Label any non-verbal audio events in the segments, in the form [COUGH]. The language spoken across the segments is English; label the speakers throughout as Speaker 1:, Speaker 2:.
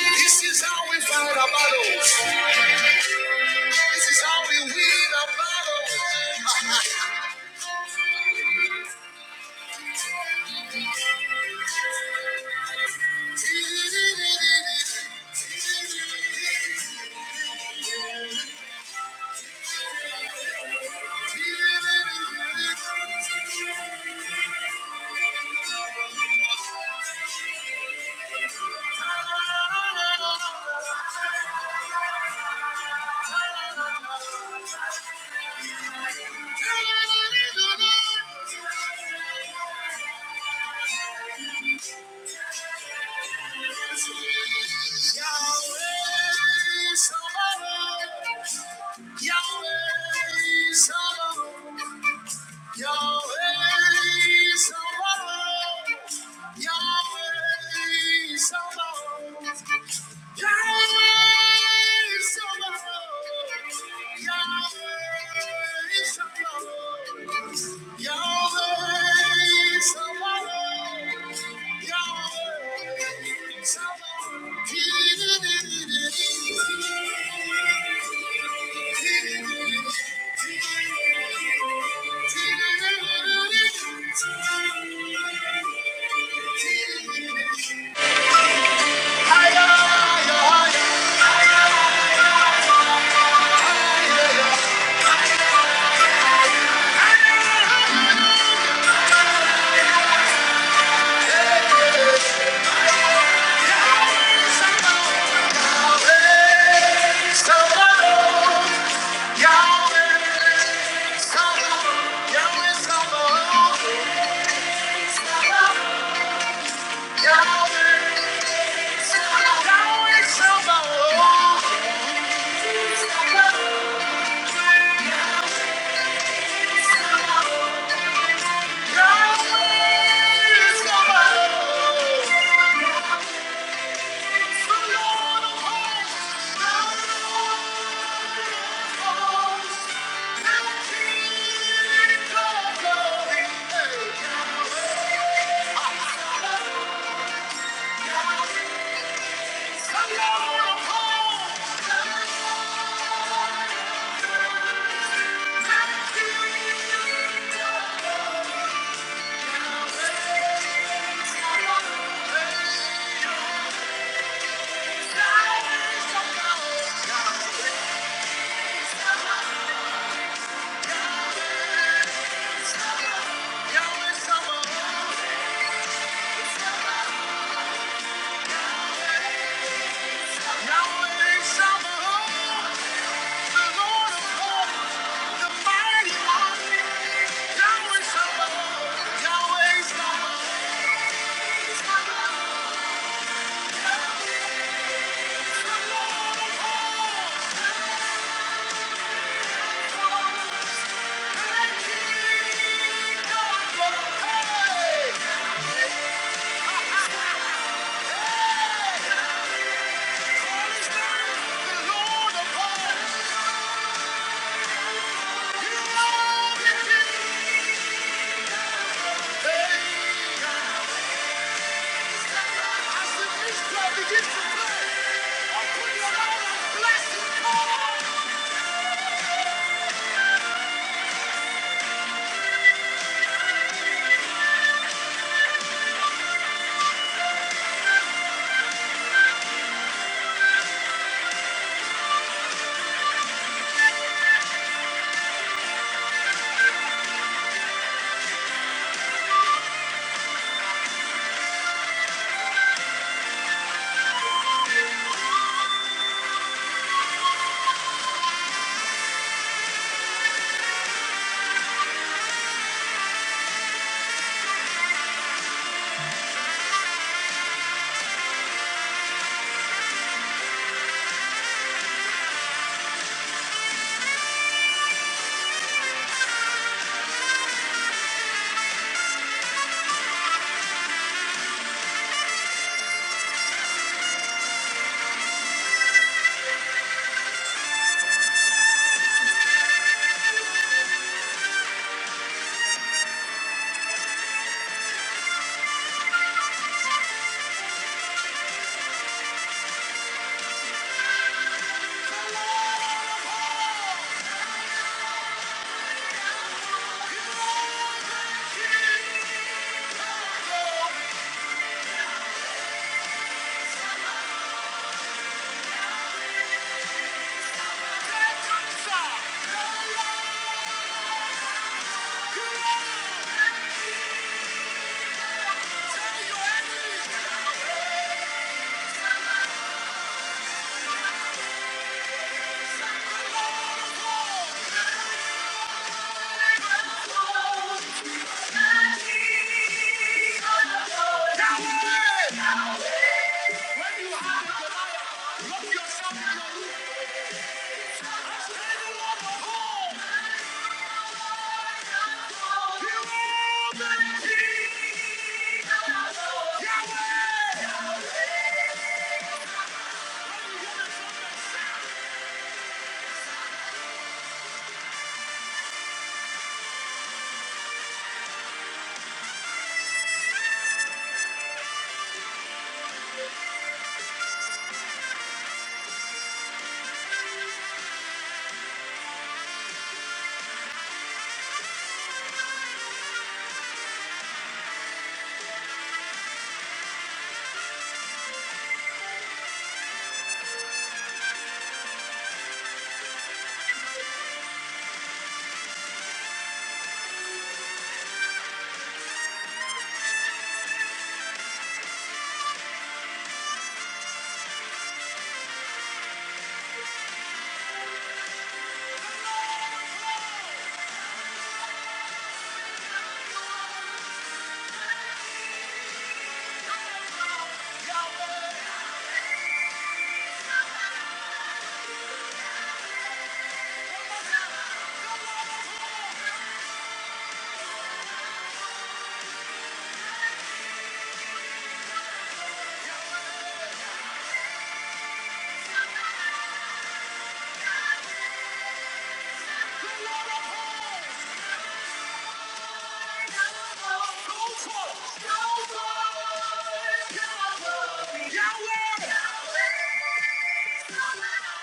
Speaker 1: This is how we fight our battles. This is how we win our battles. [LAUGHS] Yahweh Sabaoth, Yahweh Sabaoth, Yahweh Sabaoth, Yahweh Sabaoth. Yahweh Sabaoth, Yahweh Sabaoth. Yahweh, Thank you. Yahweh Shalom. Hey! Tell your enemies, Yahweh!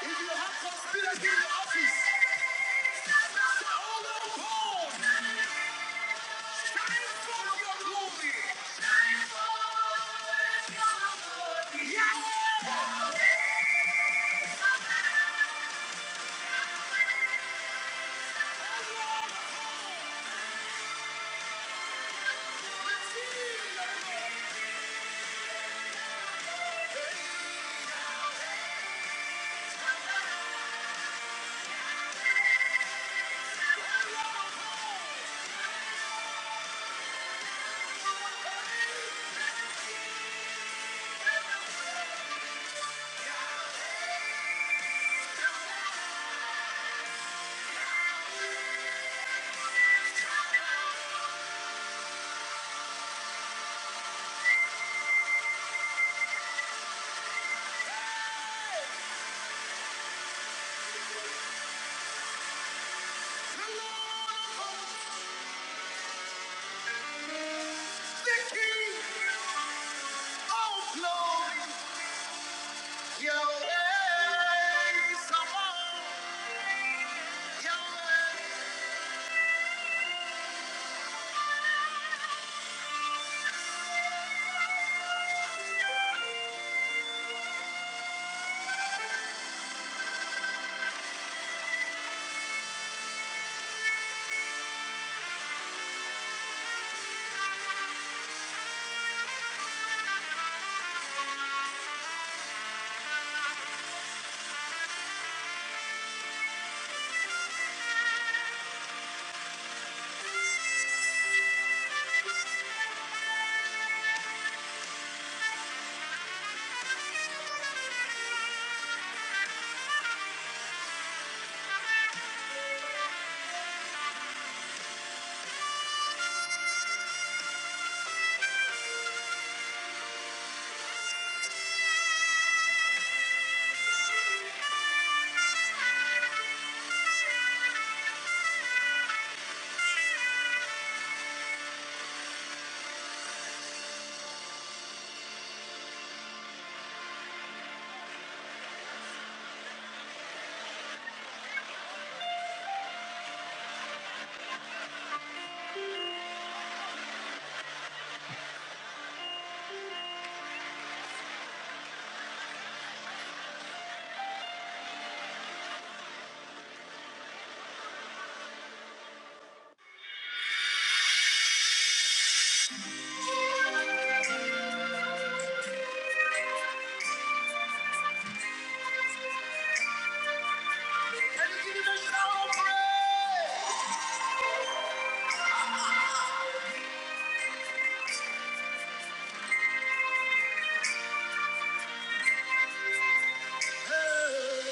Speaker 1: If you have conspiracy in your office, all the calls. Thank you.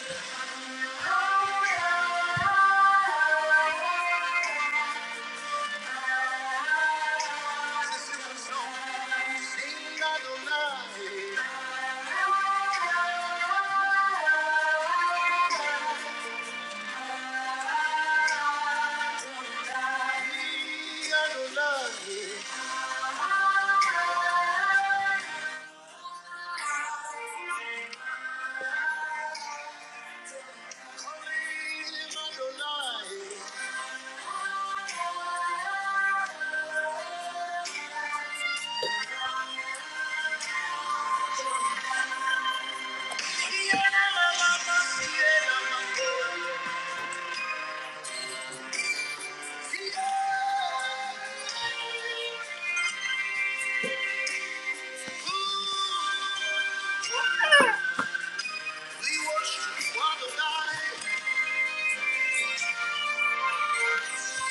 Speaker 1: We worship you, Adonai.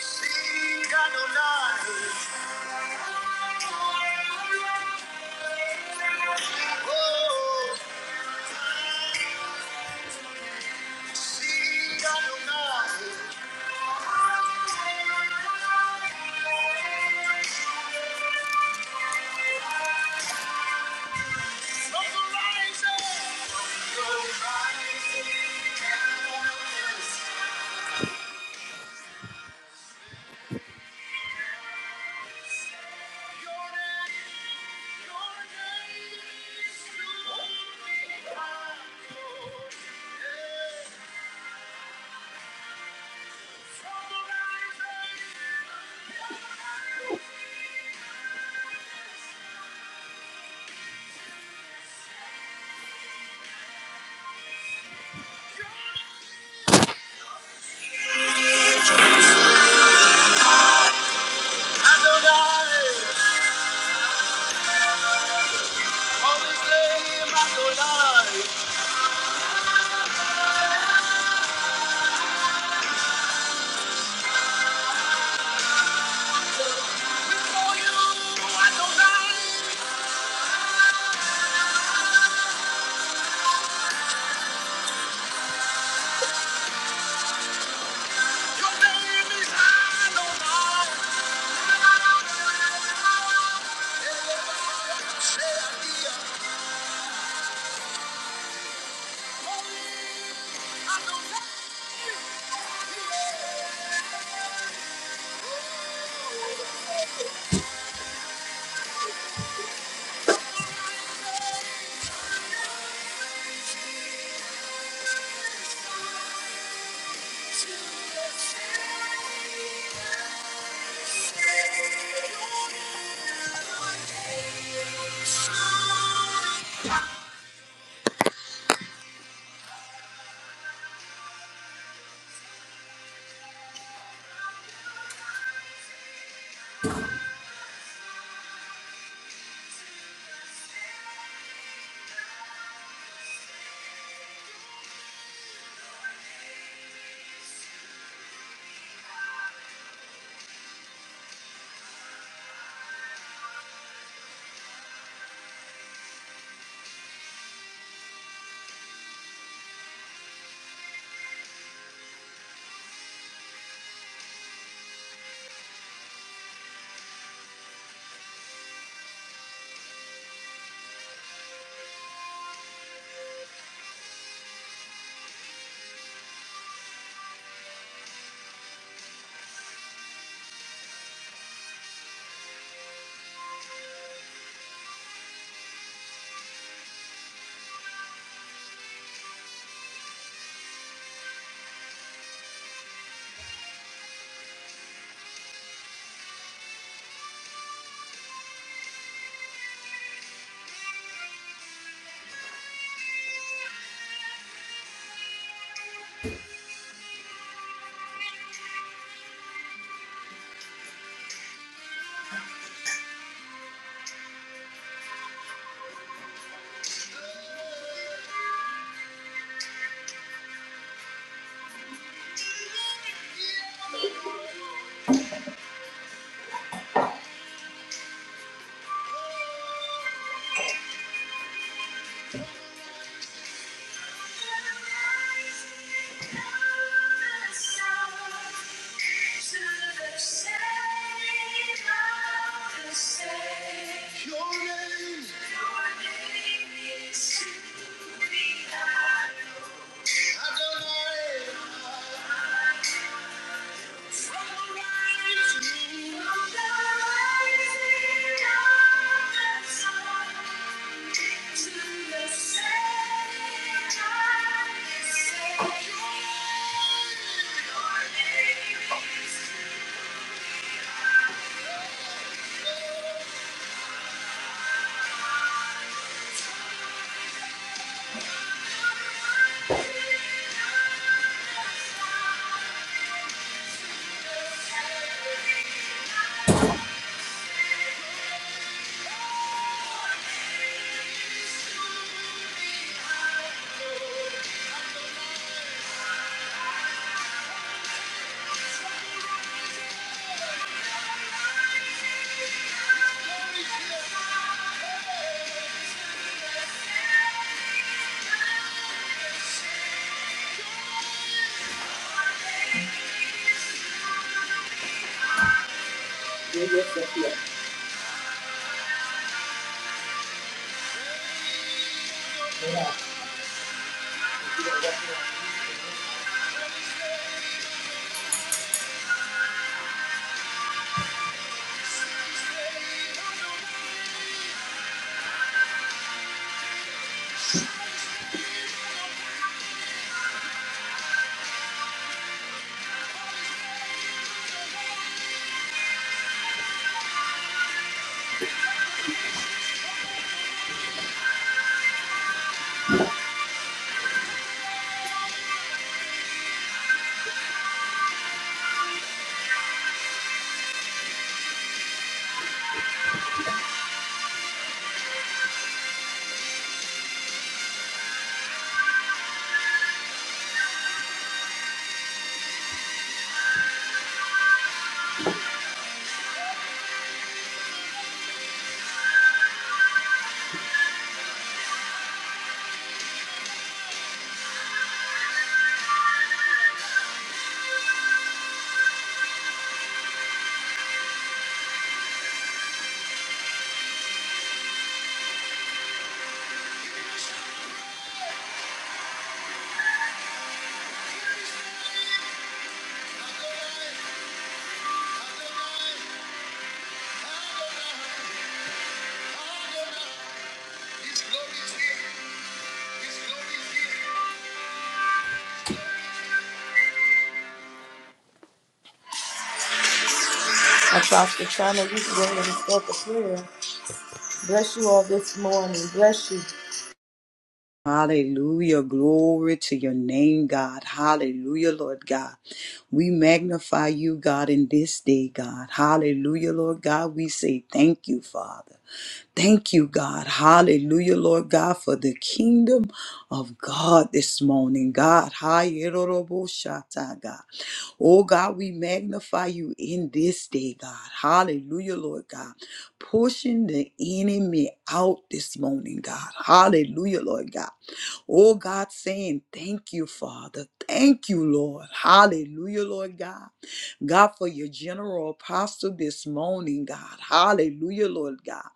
Speaker 1: Sing Adonai. Oh, see, I don't know. Adonai. Always lay my soul down. Before you, I don't die. Your name is Adonai. Say I hear. Holy Adonai. Yeah. Your name. Adonai. Thank you. His glory is here. His glory is here. Apostle China, you can go ahead and start the prayer. Bless you all this morning. Bless you.
Speaker 2: Hallelujah. Glory to your name, God. Hallelujah, Lord God. We magnify you, God, in this day, God. Hallelujah, Lord God. We say thank you, Father. Thank you, God. Hallelujah, Lord God, for the kingdom of God this morning, God. Hayeroroboshata, God. Oh, God, we magnify you in this day, God. Hallelujah, Lord God. Pushing the enemy out this morning, God. Hallelujah, Lord God. Oh, God, saying thank you, Father. Thank you, Lord. Hallelujah, Lord God. God, for your general apostle this morning, God. Hallelujah, Lord God.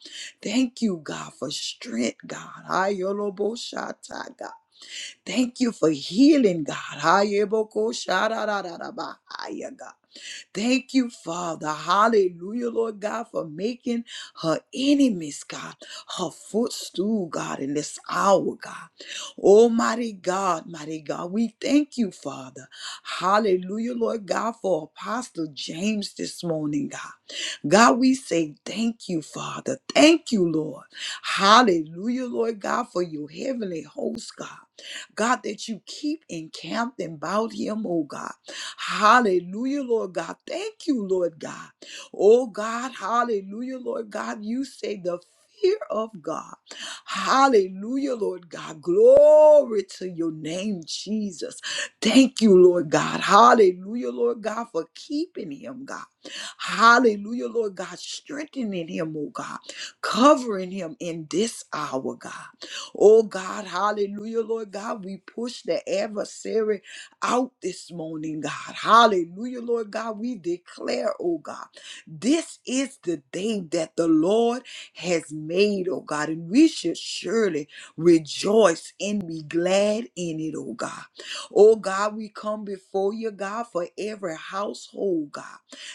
Speaker 2: Thank you, God, for strength, God. Ayoloboshata, God. Thank you for healing, God. Ayebokoshararararabahaya, God. Thank you, Father. Hallelujah, Lord God, for making her enemies, God, her footstool, God, in this hour, God. Almighty God, mighty God, we thank you, Father. Hallelujah, Lord God, for Apostle James this morning, God. God, we say thank you, Father. Thank you, Lord. Hallelujah, Lord God, for your heavenly host, God. God, that you keep encamped about him, oh God. Hallelujah, Lord God. Thank you, Lord God. Oh God, hallelujah, Lord God. You say the fear of God. Hallelujah, Lord God. Glory to your name, Jesus. Thank you, Lord God. Hallelujah, Lord God, for keeping him, God. Hallelujah, Lord God, strengthening him, oh God, covering him in this hour, God. Oh God, hallelujah, Lord God. We push the adversary out this morning, God. Hallelujah, Lord God. We declare, oh God, this is the day that the Lord has made, oh God, and we should surely rejoice and be glad in it, oh God. Oh God, we come before you, God, for every household, God,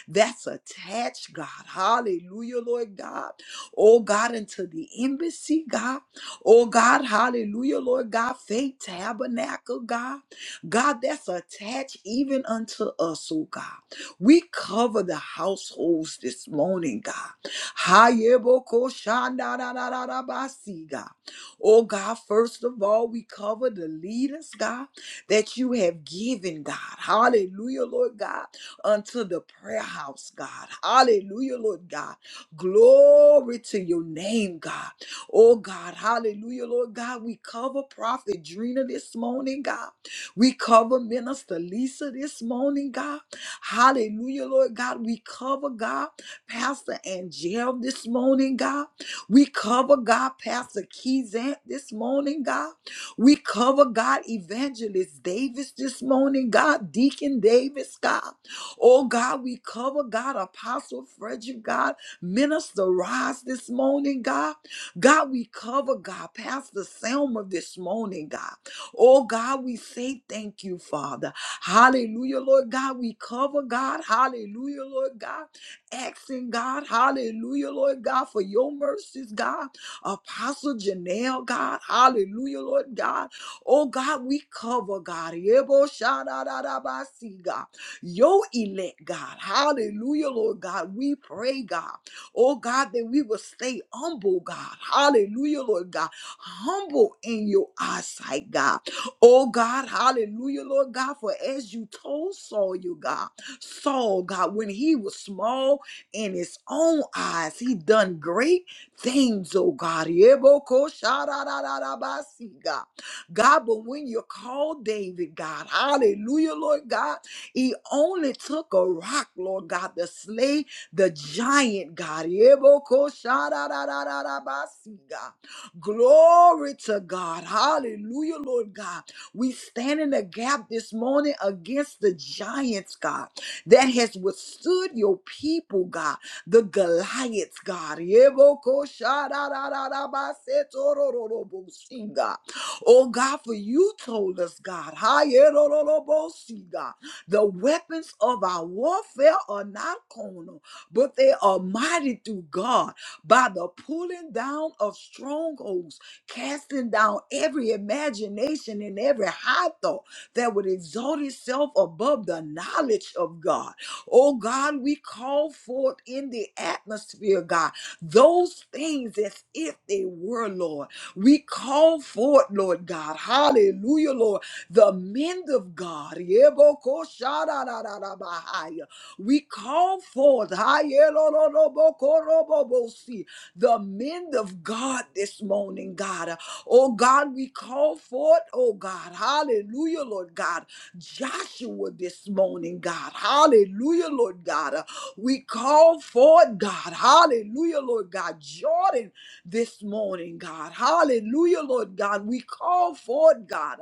Speaker 2: that's attached, God. Hallelujah, Lord God. Oh God, unto the embassy, God. Oh God, hallelujah, Lord God. Faith Tabernacle, God. God, that's attached even unto us, oh God. We cover the households this morning, God. Hayebokoshandarararabasi, God. Oh God, first of all, we cover the leaders, God, that you have given, God. Hallelujah, Lord God, unto the prayer house, God. Hallelujah, Lord God. Glory to your name, God. Oh God, hallelujah, Lord God. We cover Prophet Drina this morning, God. We cover Minister Lisa this morning, God. Hallelujah, Lord God. We cover, God, Pastor Angel this morning, God. We cover, God, Pastor Keyzant this morning, God. We cover, God, Evangelist Davis this morning, God. Deacon Davis, God. Oh, God, we cover, God, Apostle Frederick, God. Minister Ross this morning, God. God, we cover, God, Pastor Selma this morning, God. Oh God, we say thank you, Father. Hallelujah, Lord God. We cover God. Hallelujah, Lord God. Asking God, hallelujah, Lord God, for your mercies, God. Apostle Janelle, God. Hallelujah, Lord God. Oh God, we cover God. Yebo shadadadabasi, God. Your elect, God. Hallelujah, Lord God. We pray, God. Oh God, that we will stay humble, God. Hallelujah, Lord God. Humble in your eyesight, God. Oh God, hallelujah, Lord God, for as you told Saul, you God, Saul, God, when he was small in his own eyes, he done great things, oh God. Yeboko shararararabasi, God. God, but when you called David, God, hallelujah, Lord God, he only took a rock, Lord God, to slay the giant, God. Yeboko shararararabasi, God. Glory to God. Hallelujah, Lord God. We stand in the gap this morning against the giants, God, that has withstood your people, God, the Goliaths, God. Yeboko shadadadadabasetorororobosi, God. Oh God, for you told us, God, hayerororobosi, God, the weapons of our warfare are not carnal, but they are mighty through God by the pulling down of strongholds casting down every imagination and every high thought that would exalt itself above the knowledge of God. Oh God, we call forth in the atmosphere, God, those things as if they were, Lord. We call forth, Lord God, hallelujah, Lord, the men of God. Yebokosharararabahaya. We call forth, hayelololobokorobobosea the men of God this morning, God. Oh God, we call forth, oh God, hallelujah, Lord God, Joshua this morning, God, hallelujah, Lord God. We call forth, God, hallelujah, Lord God, Jordan this morning, God, hallelujah, Lord God. We call forth, God,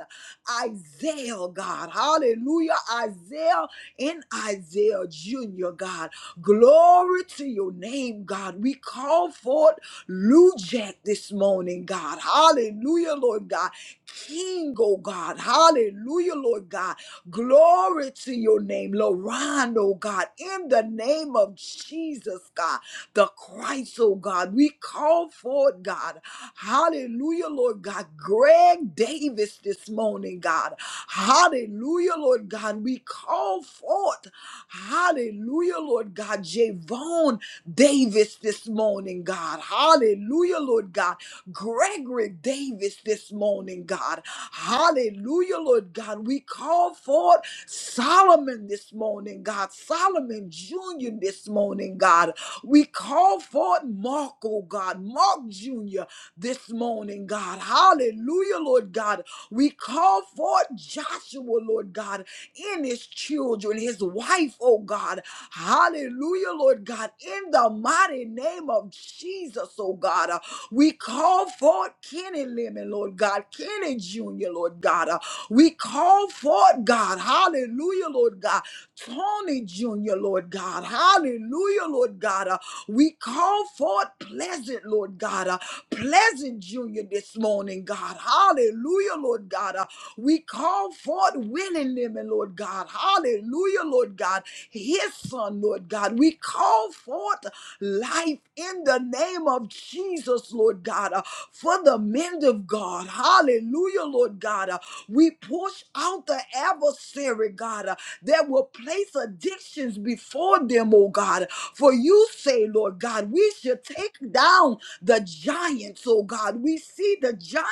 Speaker 2: Isaiah, God, hallelujah, Isaiah and Isaiah Jr., God. Glory to your name, God. We call forth Lou Jack this morning, God. Hallelujah, Lord God. King, oh God. Hallelujah, Lord God. Glory to your name, Lorand, oh God. In the name of Jesus, God, the Christ, oh God. We call forth, God. Hallelujah, Lord God. Greg Davis this morning, God. Hallelujah, Lord God. We call forth, hallelujah, Lord God. Javon Davis this morning, God. Hallelujah, Lord God. Gregory Davis this morning, God. Hallelujah, Lord God. We call forth Solomon this morning, God. Solomon Jr. this morning, God. We call forth Mark, oh God. Mark Jr. this morning, God. Hallelujah, Lord God. We call forth Joshua, Lord God, in his children, his wife, oh God. Hallelujah, Lord God. In the mighty name of Jesus, oh God. We call forth Kenny Lemon, Lord God, Kenny Jr., Lord God. Uh, we call forth, God, hallelujah, Lord God, Tony Jr., Lord God, hallelujah, Lord God. Uh, we call forth Pleasant, Lord God, uh, Pleasant Jr. this morning, God, hallelujah, Lord God. Uh, we call forth Willing Lemon, Lord God, hallelujah, Lord God, his son, Lord God. We call forth life in the name of Jesus, us, Lord God, uh, for the men of God. Hallelujah, Lord God. Uh, we push out the adversary, God, uh, that will place addictions before them, oh God. For you say, Lord God, we should take down the giants, oh God. We see the giant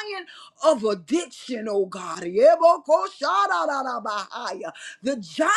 Speaker 2: of addiction, oh God. Yebokosharararabahaya. The giant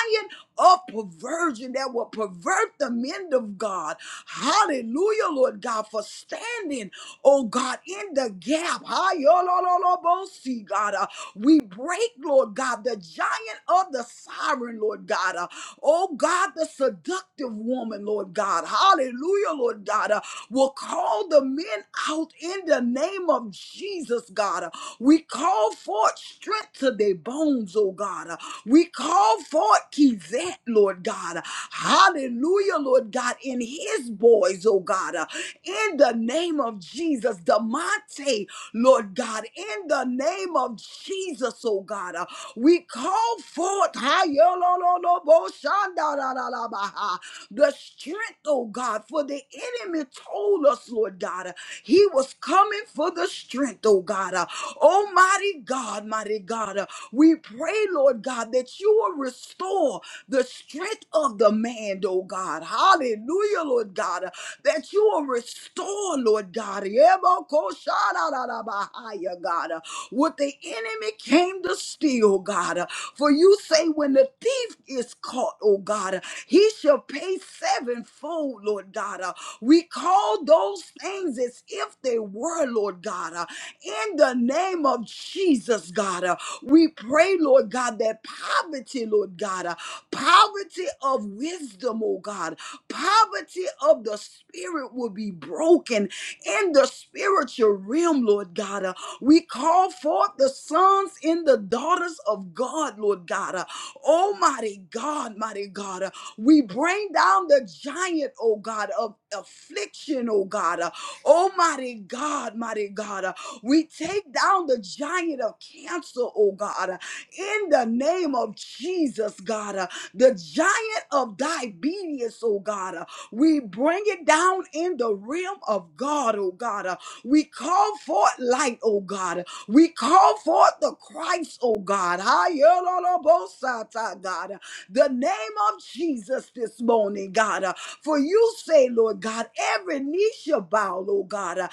Speaker 2: of perversion that will pervert the men of God. Hallelujah, Lord God, for standing oh God, in the gap. Hi, yo, lo, lo, lo, bo, see, God. Uh, we break, Lord God, the giant of the siren, Lord God. Uh, oh God, the seductive woman, Lord God. Hallelujah, Lord God. Uh, will call the men out in the name of Jesus, God. Uh, we call forth strength to their bones, oh God. Uh, we call forth Kizet, Lord God. Hallelujah, Lord God, in his boys, oh God. uh, in the name of Jesus. Damonte, Lord God, in the name of Jesus, oh God, uh, we call forth Hayololoboshandarararabaha, the strength, oh God, for the enemy told us, Lord God, uh, he was coming for the strength, oh God. Uh, Almighty God, mighty God, uh, we pray, Lord God, that you will restore the strength of the man, oh God. Hallelujah, Lord God. uh, that you will restore, Lord God. Yebokosharabahaya, God, uh, what the enemy came to steal, God. uh, For you say, when the thief is caught, oh God, uh, he shall pay sevenfold, Lord God. uh, We call those things as if they were, Lord God. uh, In the name of Jesus, God, uh, we pray, Lord God, that poverty, Lord God, uh, poverty of wisdom, oh God, Poverty of the spirit will be broken in the spiritual realm, Lord God. Uh, We call forth the sons and the daughters of God, Lord God. Uh, Almighty God, mighty God. Uh, We bring down the giant, oh God, of affliction, oh God. Uh, Almighty God, mighty God. Uh, We take down the giant of cancer, oh God. Uh, in the name of Jesus, God. Uh, the giant of diabetes, oh God, uh, we bring it down in the realm of God, oh God. uh, We call forth light, oh God. uh, We call forth the Christ, oh God. Hayalolobosata, God. uh, The name of Jesus this morning, God. uh, For you say, Lord God, every knee shall bow, oh God. uh,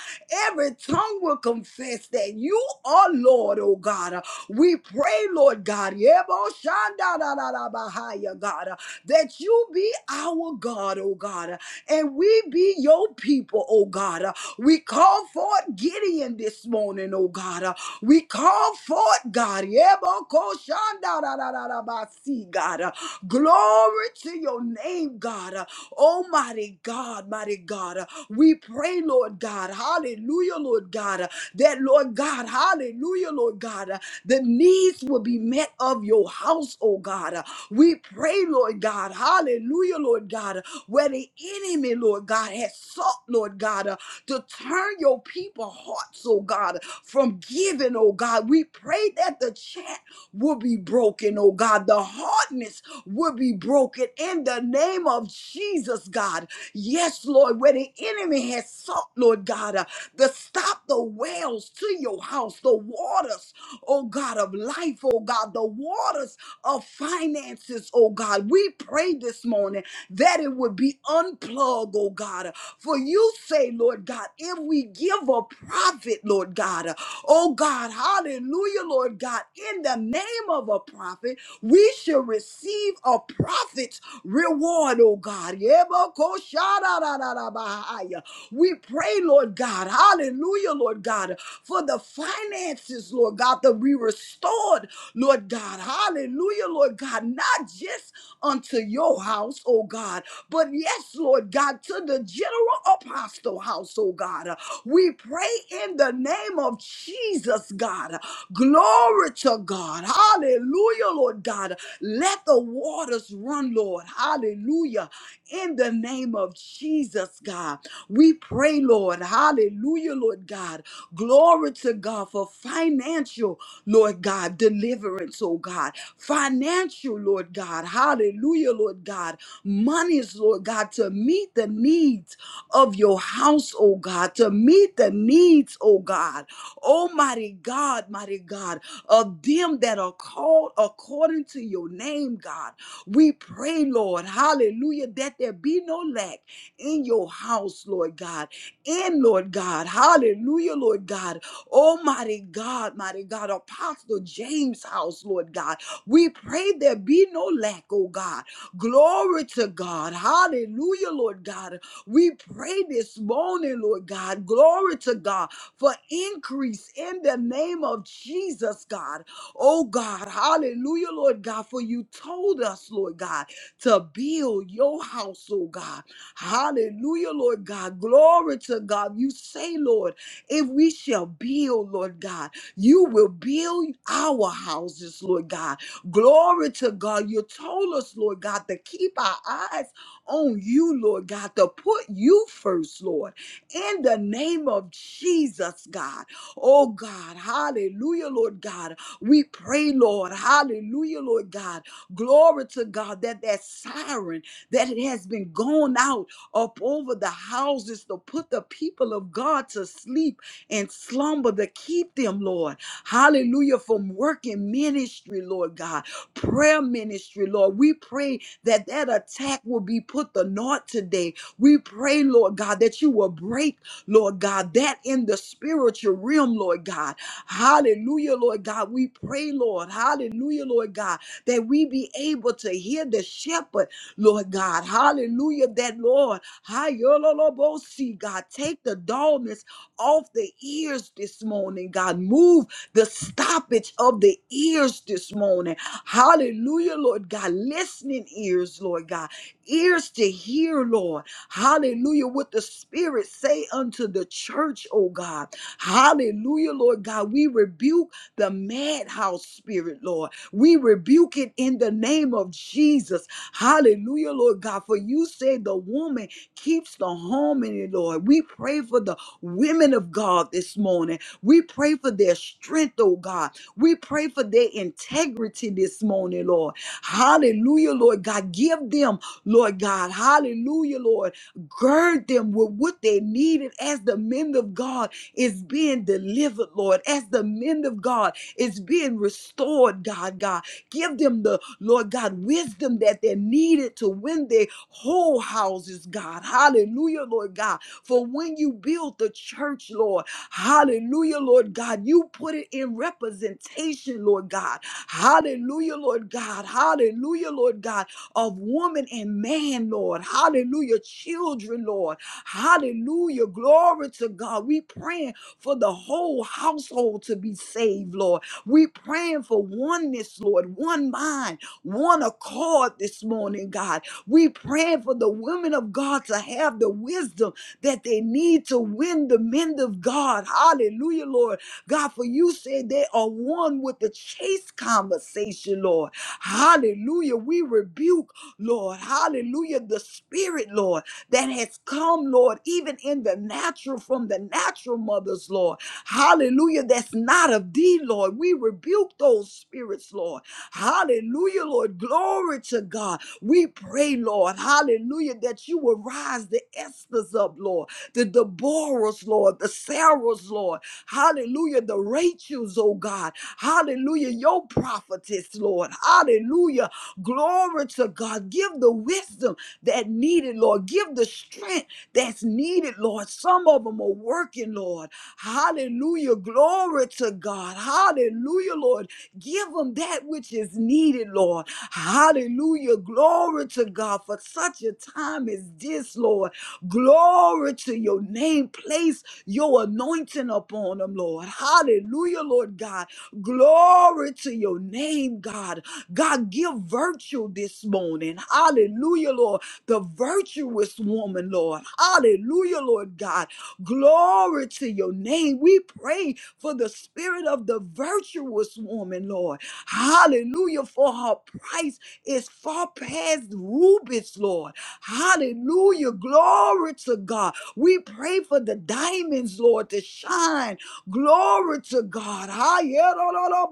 Speaker 2: Every tongue will confess that you are Lord, oh God. uh, we pray, Lord God, Yeboshandadadadabahaya, God, uh, that you be our God, oh God, uh, and we be your people, oh God. uh. We call forth Gideon this morning, oh God. uh. We call forth God, Yebokoshandadadadabasi, God. uh, Glory to your name, God. Uh, Almighty God, mighty God. Uh, We pray, Lord God. Hallelujah, Lord God. uh, That, Lord God, hallelujah, Lord God. uh, The needs will be met of your house, oh God. Uh, We pray, Lord God. Hallelujah, Lord God. uh, Where the enemy, Lord God, has sought, Lord God, uh, to turn your people hearts, oh God, from giving, oh God. We pray that the chant will be broken, oh God. The hardness will be broken in the name of Jesus, God. Yes, Lord, where the enemy has sought, Lord God, uh, to stop the wells to your house, the waters, oh God, of life, oh God, the waters of finances, oh God. We pray this morning that it would be unplugged, oh God. For you say, Lord God, if we give a prophet, Lord God, oh God, hallelujah, Lord God, in the name of a prophet, we shall receive a prophet's reward, oh God. Yebokoshararararabahaya. We pray, Lord God, hallelujah, Lord God, for the finances, Lord God, to be restored Lord God. Hallelujah, Lord God. Not just unto your house, oh God, but yes, Lord God, to the general apostle house, oh God. We pray in the name of Jesus, God. Glory to God. Hallelujah, Lord God. Let the waters run, Lord. Hallelujah. In the name of Jesus, God. We pray, Lord. Hallelujah, Lord God. Glory to God for financial. Lord God, deliverance, oh God, financial, Lord God, hallelujah, Lord God, monies, Lord God, to meet the needs of your house, oh God, to meet the needs, oh God, almighty God, mighty God, of them that are called according to your name, God. We pray, Lord, hallelujah, that there be no lack in your house, Lord God, in, Lord God. Hallelujah, Lord God. Almighty God, mighty God, Apostle James' house, Lord God. We pray there be no lack, oh God. Glory to God. Hallelujah, Lord God. We pray this morning, Lord God. Glory to God for increase in the name of Jesus, God. Oh God, hallelujah, Lord God, for you told us, Lord God, to build your house, oh God. Hallelujah, Lord God. Glory to God. You say, Lord, if we shall build, Lord God, you will build our houses, Lord God. Glory to God. You told us, Lord God, to keep our eyes on you, Lord God, to put you first, Lord, in the name of Jesus, God. Oh, God. Hallelujah, Lord God. We pray, Lord. Hallelujah, Lord God. Glory to God that that siren that it has been gone out up over the houses to put the people of God to sleep and slumber to keep them, Lord. Hallelujah. From working ministry, Lord God, prayer ministry, Lord. We pray that that attack will be put to naught today. We pray, Lord God, that you will break, Lord God, that in the spiritual realm, Lord God. Hallelujah, Lord God. We pray, Lord. Hallelujah, Lord God, that we be able to hear the shepherd Lord God. Hallelujah. That Lord, Hayololobosi, God, take the dullness off the ears this morning, God. Move the stoppage of the ears this morning. Hallelujah, Lord God. Listening ears, Lord God. Ears to hear, Lord. Hallelujah. What the Spirit say unto the church, oh God. Hallelujah, Lord God. We rebuke the madhouse spirit, Lord. We rebuke it in the name of Jesus. Hallelujah, Lord God. For you say the woman keeps the harmony, Lord. We pray for the women of God this morning. We pray for their strength, oh God. We pray for their integrity this morning, Lord. Hallelujah, Lord God. Give them, Lord God. Hallelujah, Lord. Gird them with what they needed as the men of God is being delivered, Lord. As the men of God is being restored, God, God. Give them the, Lord God, wisdom that they needed to win their whole houses, God. Hallelujah, Lord God. For when you build the church, Lord, hallelujah, Lord God, you put it in representation, Lord God. Hallelujah, Lord God. Hallelujah, Lord God, of woman and man, Lord. Hallelujah, children, Lord. Hallelujah, glory to God. We praying for the whole household to be saved, Lord. We praying for oneness, Lord, one mind, one accord this morning, God. We praying for the women of God to have the wisdom that they need to win the men of God. Hallelujah, Lord. God, for you said they are one with the chase conversation, Lord. Hallelujah. We rebuke, Lord. Hallelujah. The spirit, Lord, that has come, Lord, even in the natural from the natural mothers, Lord. Hallelujah. That's not of thee, Lord. We rebuke those spirits, Lord. Hallelujah, Lord. Glory to God. We pray, Lord. Hallelujah. That you will rise the Esther's up, Lord. The Deborah's, Lord. The Sarah's, Lord. Hallelujah. The Rachel's, oh God. Hallelujah. Your prophetess, Lord. Hallelujah. Glory to God. Give the wisdom that needed, Lord. Give the strength that's needed, Lord. Some of them are working, Lord. Hallelujah. Glory to God. Hallelujah, Lord. Give them that which is needed, Lord. Hallelujah. Glory to God for such a time as this, Lord. Glory to your name. Place your anointing upon them, Lord. Hallelujah, Lord God. Glory to your name, God. God, give virtue this morning. Hallelujah, Lord. The virtuous woman, Lord. Hallelujah, Lord God. Glory to your name. We pray for the spirit of the virtuous woman, Lord. Hallelujah. For her price is far past rubies, Lord. Hallelujah. Glory to God. We pray for the diamonds, Lord, to shine. Glory to God. Hi, yeah, lo, lo, lo,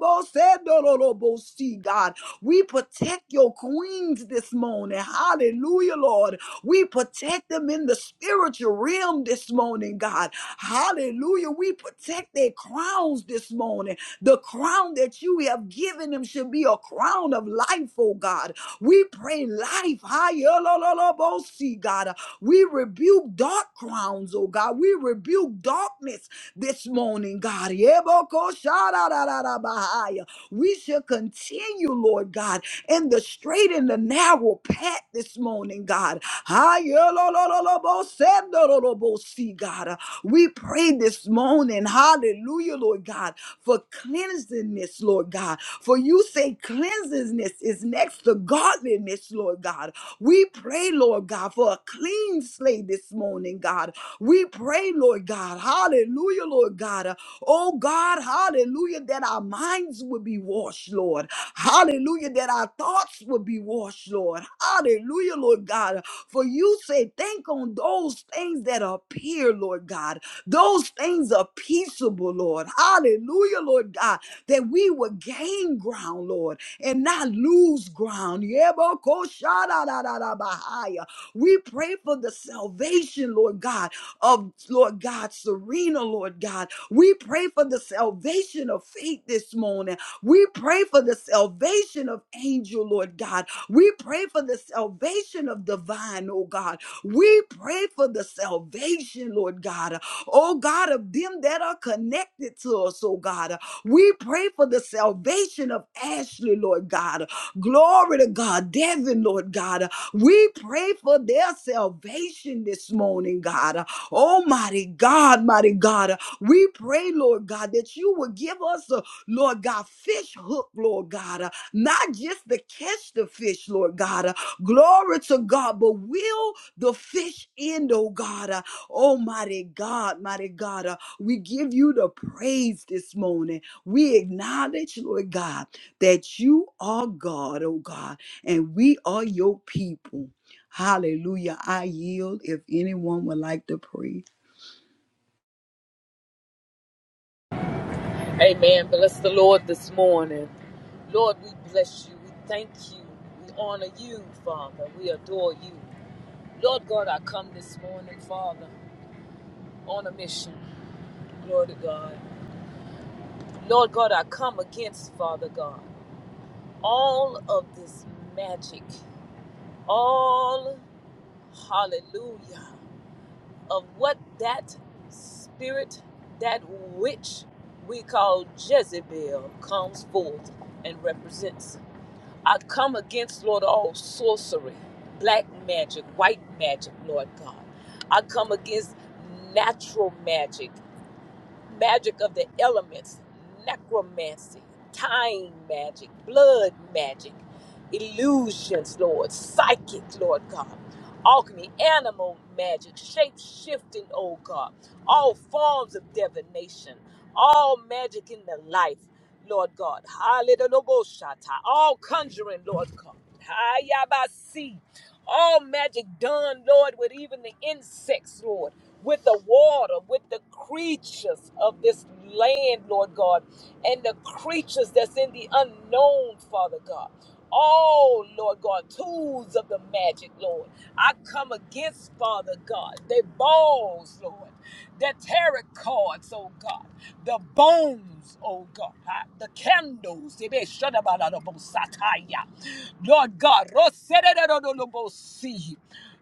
Speaker 2: lo, see, God. We protect your queens this morning. Hallelujah, Lord. We protect them in the spiritual realm this morning, God. Hallelujah. We protect their crowns this morning. The crown that you have given them should be a crown of life, oh God. We pray life. Hallelujah, God. We rebuke dark crowns, oh God. We rebuke darkness this morning, God. Yeboko shadadadadabahaya. We shall continue, Lord God, in the straight and the narrow path this morning, God. Ayolololobosendololobosi, God. We pray this morning, hallelujah, Lord God, for cleansingness, Lord God. For you say cleansingness is next to godliness, Lord. Lord God. We pray, Lord God, for a clean slate this morning, God. We pray, Lord God, hallelujah, Lord God. Uh, Oh God, hallelujah, that our minds would be washed, Lord. Hallelujah, that our thoughts would be washed, Lord. Hallelujah, Lord God. For you say, think on those things that appear, Lord God. Those things are peaceable, Lord. Hallelujah, Lord God, that we would gain ground, Lord and not lose ground. Yebokosharararabahaya. We pray for the salvation, Lord God, of Lord God, Serena, Lord God. We pray for the salvation of faith this morning. We pray for the salvation of angel, Lord God. We pray for the salvation of divine, oh God. We pray for the salvation, Lord God. Oh God, of them that are connected to us, oh God. We pray for the salvation of Ashley, Lord God. Glory to God. Devin, Lord God. We pray for their salvation this morning, God. Almighty God, mighty God. We pray, Lord God, that you will give us, a, Lord God, fish hook, Lord God. Uh, Not just to catch the fish, Lord God. Uh, Glory to God, but will the fish end, oh God. Uh, Almighty God, mighty God. Uh, We give you the praise this morning. We acknowledge, Lord God, that you are God, oh God, and we are your people. Hallelujah. I yield if anyone would like to pray.
Speaker 1: Amen. Bless the Lord this morning. Lord, we bless you. We thank you. We honor you, Father. We adore you. Lord God, I come this morning, Father, on a mission. Lord God. Lord God, I come against, Father God, all of this magic, all, hallelujah, of what that spirit, that witch we call Jezebel, comes forth and represents. I come against, Lord, all sorcery, black magic, white magic, Lord God. I come against natural magic, magic of the elements, necromancy, time magic, blood magic illusions, Lord, psychic, Lord God, alchemy, animal magic, shape shifting, oh God, all forms of divination, all magic in the life, Lord God. Hallelujah. All conjuring, Lord God. Hayabasi. All magic done, Lord, with even the insects, Lord, with the water, with the creatures of this land, Lord God, and the creatures that's in the unknown, Father God. Oh, Lord God, tools of the magic, Lord. I come against, Father God, the balls, Lord, the tarot cards, oh God, the bones, oh God, ah, the candles. They be shut about out of the Sataya. Lord God, Rosererodolobosi.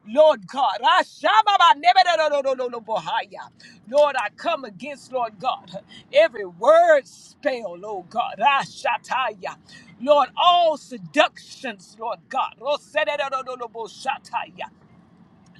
Speaker 1: Lord God. Ashababa nebedododododobohaya. Lord, I come against, Lord God, every word spell, Lord God. Ashataya. Lord, all seductions, Lord God. Rosedododododobohaya.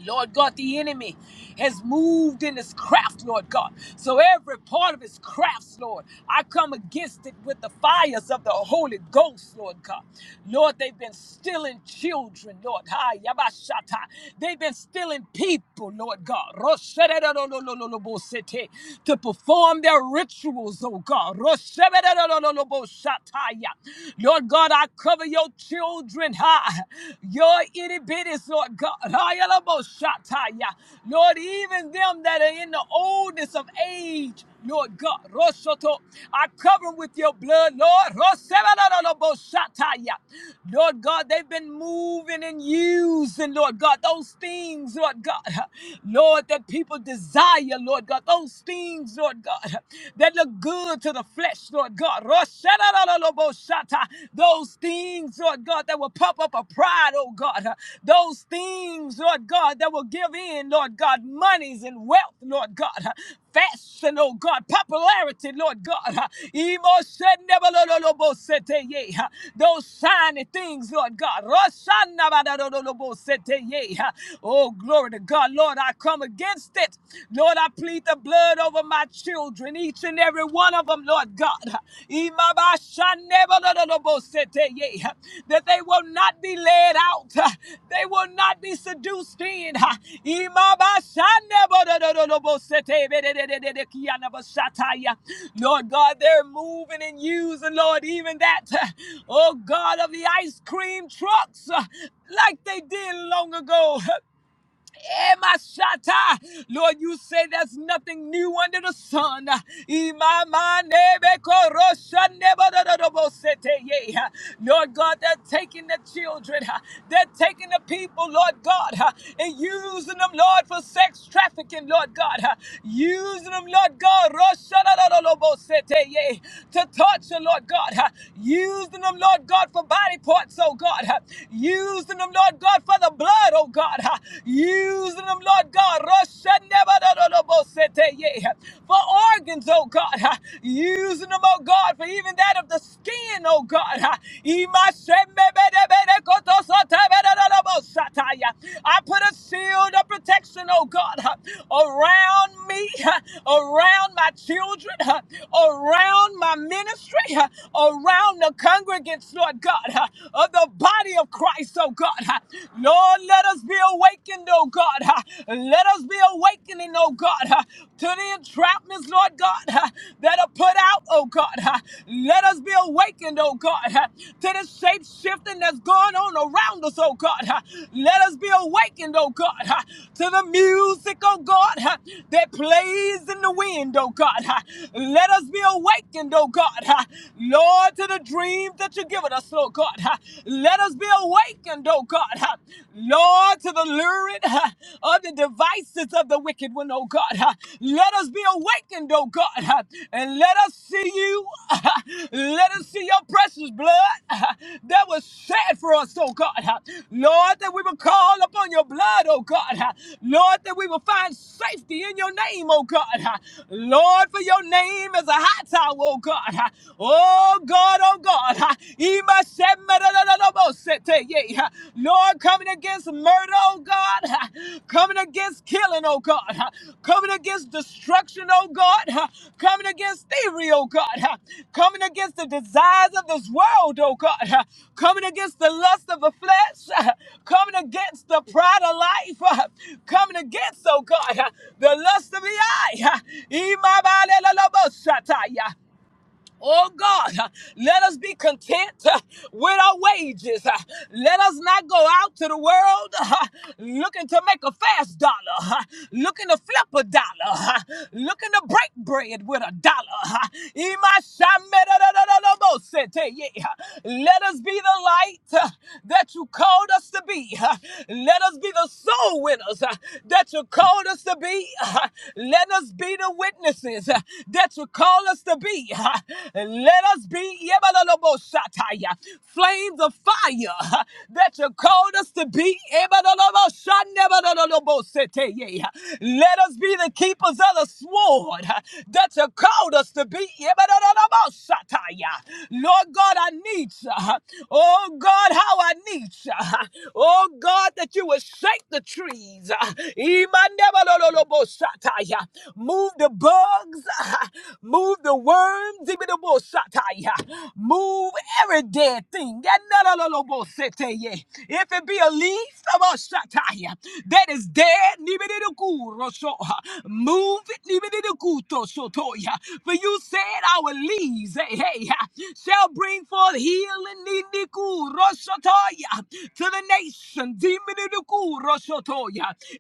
Speaker 1: Lord God, the enemy has moved in his craft, Lord God. So every part of his crafts, Lord, I come against it with the fires of the Holy Ghost, Lord God. Lord, they've been stealing children, Lord. Ha, yabashata. They've been stealing people, Lord God. Rosheredolololobosete. To perform their rituals, oh God. Rosheredololoboshataya. Lord God, I cover your children children, ha, your itty bitties, Lord God, ha, yalaboshataya. Lord, even them that are in the oldness of age, Lord God, Roshoto, I cover them with your blood, Lord. Rosebalaboshataya. Lord God, they've been moving and using, Lord God, those things, Lord God, Lord, that people desire, Lord God, those things, Lord God, that look good to the flesh, Lord God. God. Roshadadadadabosata. Those things, Lord God, that will pop up a pride, oh God. Those things, Lord God, that will give in, Lord God, monies and wealth, Lord God. Fashion, oh God, popularity, Lord God. yeah. Those shiny things, Lord God. yeah. Oh, glory to God. Lord, I come against it. Lord, I plead the the blood over my children, each and every one of them, Lord God. Imabashanebololobosete, That they will not be led out, they will not be seduced in. Imabashanebololobosete, bededededekianabashataya. Lord God, they're moving and using, Lord, even that, oh God, of the ice cream trucks, like they did long ago. Emashata. Lord, you say there's nothing new under the sun. Imamanebekorosanebododobosete. Lord God, they're taking the children, huh, they're taking the people, Lord God, huh, and using them, Lord, for sex trafficking, Lord God, huh, using them, Lord God, Roshadododobosete, to torture, Lord God, huh, using them, Lord God, for body parts, oh God, huh, using them, Lord God, for the blood, oh God. ah, Using them, Lord God. yeah, For organs, oh God. ah, Using them, oh God, for even that of the skin, oh God. ah. I put a shield of protection, oh God, ah, around me, ah, around my children, ah, around my ministry, ah, around the congregants, Lord God, ah, of the body of Christ. Christ, oh God. huh? Lord, let us be awakened, oh God. huh? Let us be awakening, oh God, huh, to the entrapments, Lord God, huh, that are put out, oh God. huh? Let us be awakened, oh God, huh, to the shape shifting that's going on around us, oh God. huh? Let us be awakened, oh God, huh, to the music, oh God, huh, that plays in the wind, oh God. huh? Let us be awakened, oh God, huh, Lord, to the dreams that you've given us us, Lord God. Let us be awakened, oh God. Lord, to the lurid ha, of the devices of the wicked one, oh God. Let us be awakened, oh God. And let us see you. Let us see your precious blood that was shed for us, oh God. Lord, that we will call upon your blood, oh God. Lord, that we will find safety in your name, oh God. Lord, for your name is a high tower, oh God. Ha. Oh God, oh God. Ha. Yeah. Lord, coming against murder, oh God. Coming against killing, oh God. Coming against destruction, oh God. Coming against thievery, oh God. Coming against the desires of this world, oh God. Coming against the lust of the flesh. Coming against the pride of life. Coming against, oh God, the lust of the eye. Ha. Oh God, uh, let us be content uh, with our wages. Uh, Let us not go out to the world uh, looking to make a fast dollar, uh, looking to flip a dollar, uh, looking to break bread with a dollar. uh. Imashamedadadadadabosete, yeah. Let us be the light uh, that you called us to be. uh. Let us be the soul winners uh, that you called us to be. uh. Let us be the witnesses. uh, that you call us to be. [LAUGHS] Let us be Yebaloloboshataya, flames of fire [LAUGHS] that you called us to be. Yebaloloboshanebaloloboseteye. Let us be the keepers of the sword [LAUGHS] that you called us to be. Yebaloloboshataya. Lord God, I need you. Oh God, how I need you. Oh God, that you would shake the trees. [LAUGHS] Imandebaloloboshataya. Move the bugs. [LAUGHS] Move the worms. Even the bullshataya. Move every dead thing. Yanalolobosete. If it be a leaf, aboshataya, that is dead, nibididikuroso. move it. nibididikutosotoya. For you said our leaves, hey, hey, shall bring forth healing nidiku to the nation. Diminiduku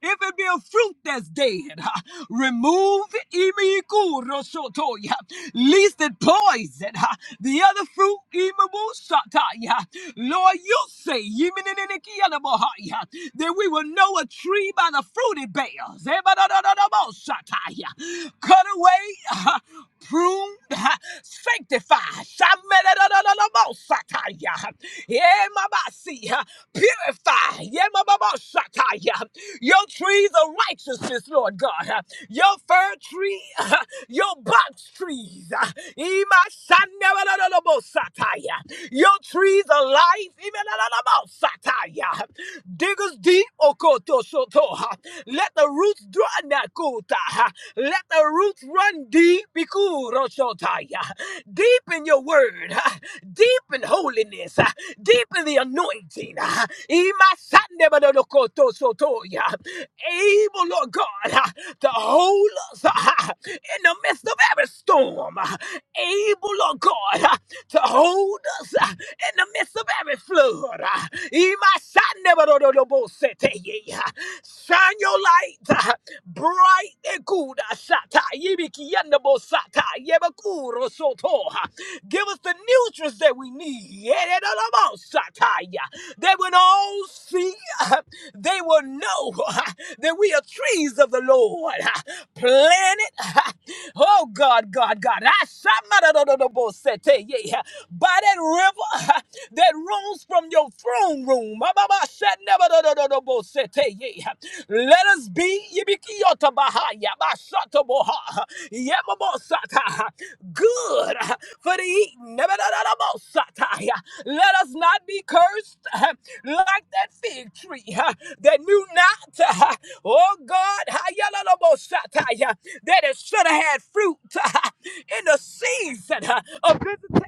Speaker 1: If it be real fruit that's dead. [LAUGHS] Remove imikurosotoya, least it poison. [LAUGHS] The other fruit, imamusataya. Lord, you say iminikiyanabahaya, that we will know a tree by the fruit it bears. Ebadadadadabosataya. Cut away, [LAUGHS] pruned, sanctified. Shamadadadadabosataya. Yemabasi, [LAUGHS] Purify. Sataya, Your trees of righteousness, Lord God. uh, Your fir tree, [LAUGHS] uh, your box trees. uh, Ima Sandabalabo Sataya, Your trees of life. Imelolobosataya. Diggers deep, Okoto Soto. uh, Let the roots draw Nakuta. uh, Let the roots run deep, Bikuro sotaya. Deep in your word, uh, deep in holiness, uh, deep in the anointing ah, Imasande Badolokoto Sotoya. Able, Lord God, ah, to hold us ah, in the midst of every storm. ah, Able, Lord God, ah, to hold us ah, in the midst of every flood. ah, Imasande Badolobosete. ah, Shine your light ah, bright and good. ah, Shata Yibikiyandabosata Yebakuro Soto. ah. Give us the nutrients that we need. They will all see, they will know that we are trees of the Lord, planted. Oh God, God, God. yeah. By that river that runs from your throne room. yeah. Let us be good for the eating. Let us not be cursed [LAUGHS] like that fig tree [LAUGHS] that knew not, [LAUGHS] oh God, that it should have had fruit [LAUGHS] in the season of visitation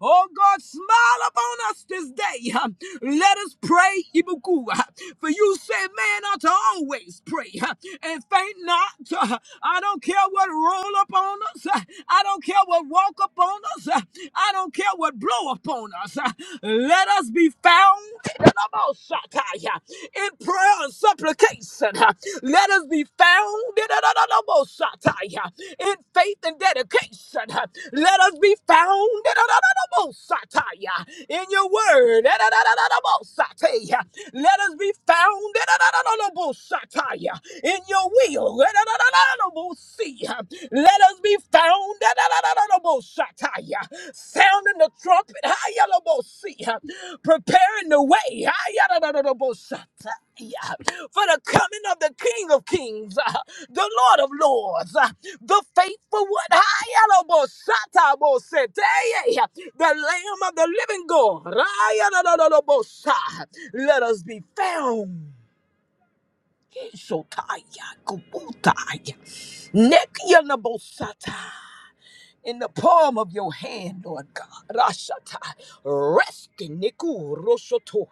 Speaker 1: Oh God, smile upon us this day. Let us pray, Ibuku. For you said man ought to always pray and faint not. I don't care what roll upon us. I don't care what walk upon us. I don't care what blow upon us. Let us be found in prayer and supplication. uh, Let us be found in a- most, uh, in faith and dedication. uh, Let us be found in a- most, uh, in your word. uh, Let us be found in a- most, uh, in your will. uh, Let us be found. Sounding the trumpet, Hayalabosea, preparing the way Hayalabosea, for the coming of the King of Kings, uh, the Lord of Lords, uh, the faithful one, Hayalabosea, the Lamb of the living God. Hayalabosea. Let us be found. Shotaya, Kubutaya, Nekianabosata in the palm of your hand, Lord God. Rashata. Rest in Nikurosotoya.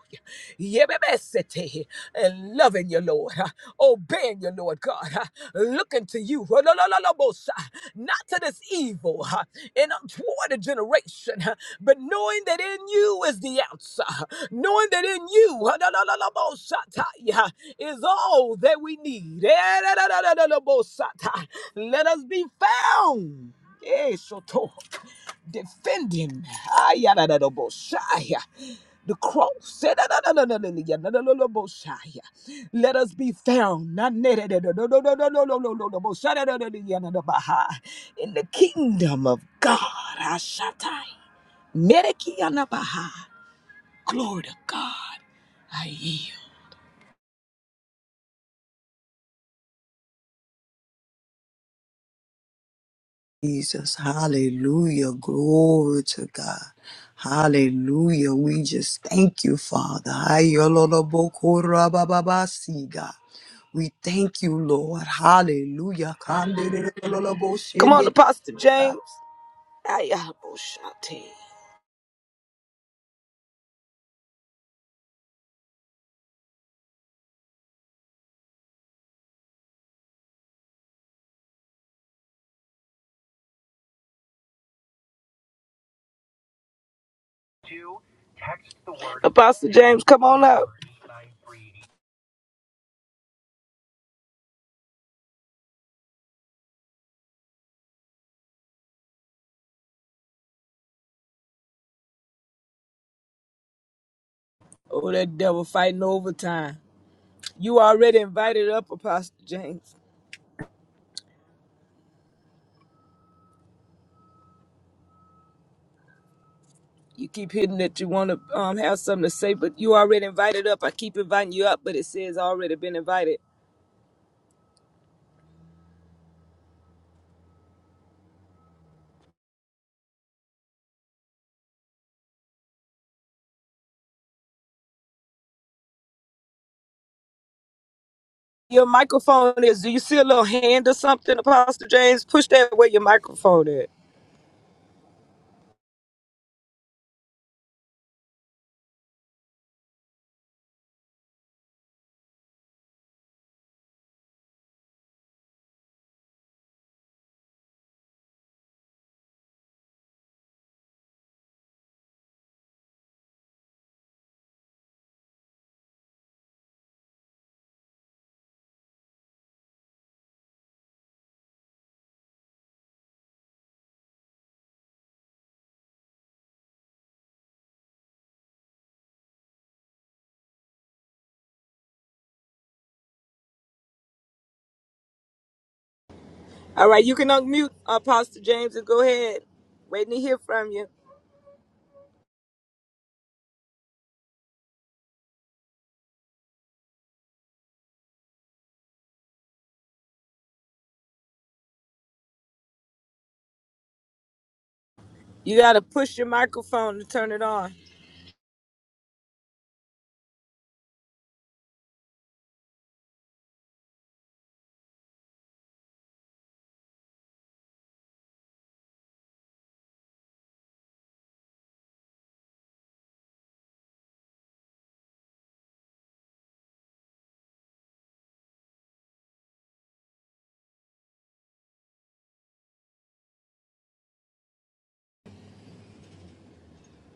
Speaker 1: Yebebesete. And loving you, Lord. huh? Obeying you, Lord God. huh? Looking to you. Rolololobosa. Not to this evil huh? and toward a generation, huh? but knowing that in you is the answer. huh? Knowing that in you rolololobosataya, is all that we need. Eh, rolololobosata. Let us be found. Hey, soto, defending. Ah, ya da da da da bo shaya, the cross. Say da da da da da da da da da da da da bo shaya. Let us be found. Nah, da da da da da da da da da da da da bo shada da da da da da da baha. In the kingdom of God, I shatay. Meriki anabaha. Glory to God. I yield.
Speaker 2: Jesus. Hallelujah. Glory to God. Hallelujah. We just thank you, Father. Ayololobokorabababasi, God. We thank you, Lord. Hallelujah.
Speaker 1: Come on,
Speaker 2: Kandeleloloboshendi.
Speaker 1: Apostle James. Ah, ya bo shatay. Apostle James, come on up. Oh, that devil fighting overtime. You already invited up, Apostle James. You keep hitting that you want to um, have something to say, but you already invited up. I keep inviting you up, but it says already been invited. Your microphone is, do you see a little hand or something, Apostle James? Push that where your microphone is. All right, you can unmute Apostle James and go ahead. Waiting to hear from you. You got to push your microphone to turn it on.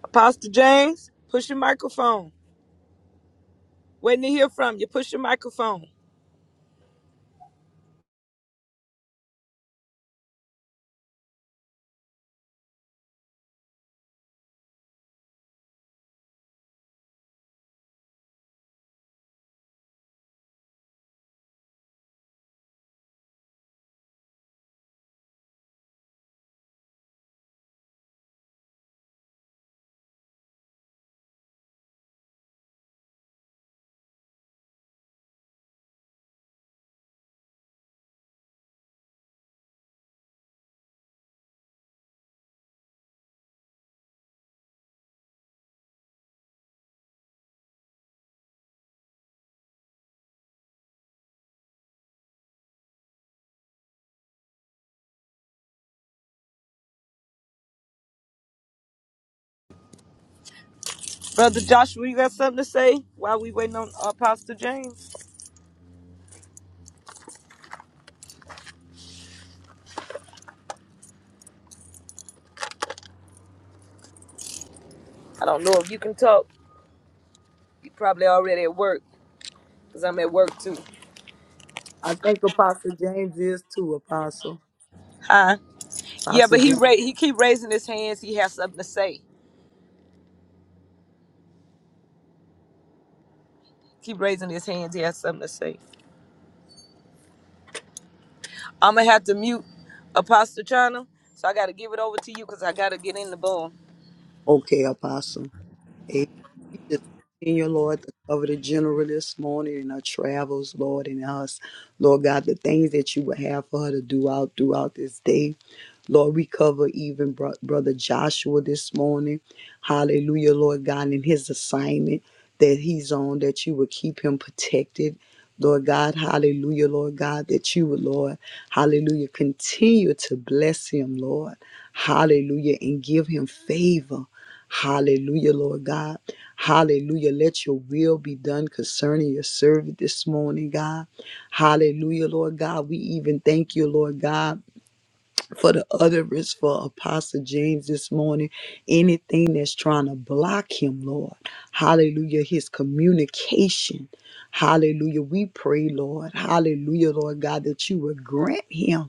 Speaker 1: Apostle James, push your microphone. Waiting to hear from you. Push your microphone. Brother Joshua, you got something to say while we waiting on Apostle James? I don't know if you can talk. You probably already at work because I'm at work too.
Speaker 2: I think Apostle James is too, Apostle.
Speaker 1: Huh? Yeah, but he ra- he keep raising his hands. He has something to say. Keep raising his hands. He has something to say. I'm gonna have to mute Apostle China, so I gotta give it over to you because I gotta get in the boom.
Speaker 2: Okay, Apostle. Amen. We just continue, Lord, to cover the general this morning in her travels, Lord, and us. Lord God, the things that you would have for her to do out throughout this day. Lord, we cover even bro- Brother Joshua this morning. Hallelujah, Lord God, in his assignment that he's on, that you would keep him protected. Lord God, hallelujah, Lord God, that you would, Lord, hallelujah, continue to bless him, Lord, hallelujah, and give him favor. Hallelujah, Lord God. Hallelujah. Let your will be done concerning your servant this morning, God. Hallelujah, Lord God. We even thank you, Lord God, for the utterance for Apostle James this morning. Anything that's trying to block him, Lord. Hallelujah. His communication. Hallelujah. We pray, Lord. Hallelujah, Lord God, that you would grant him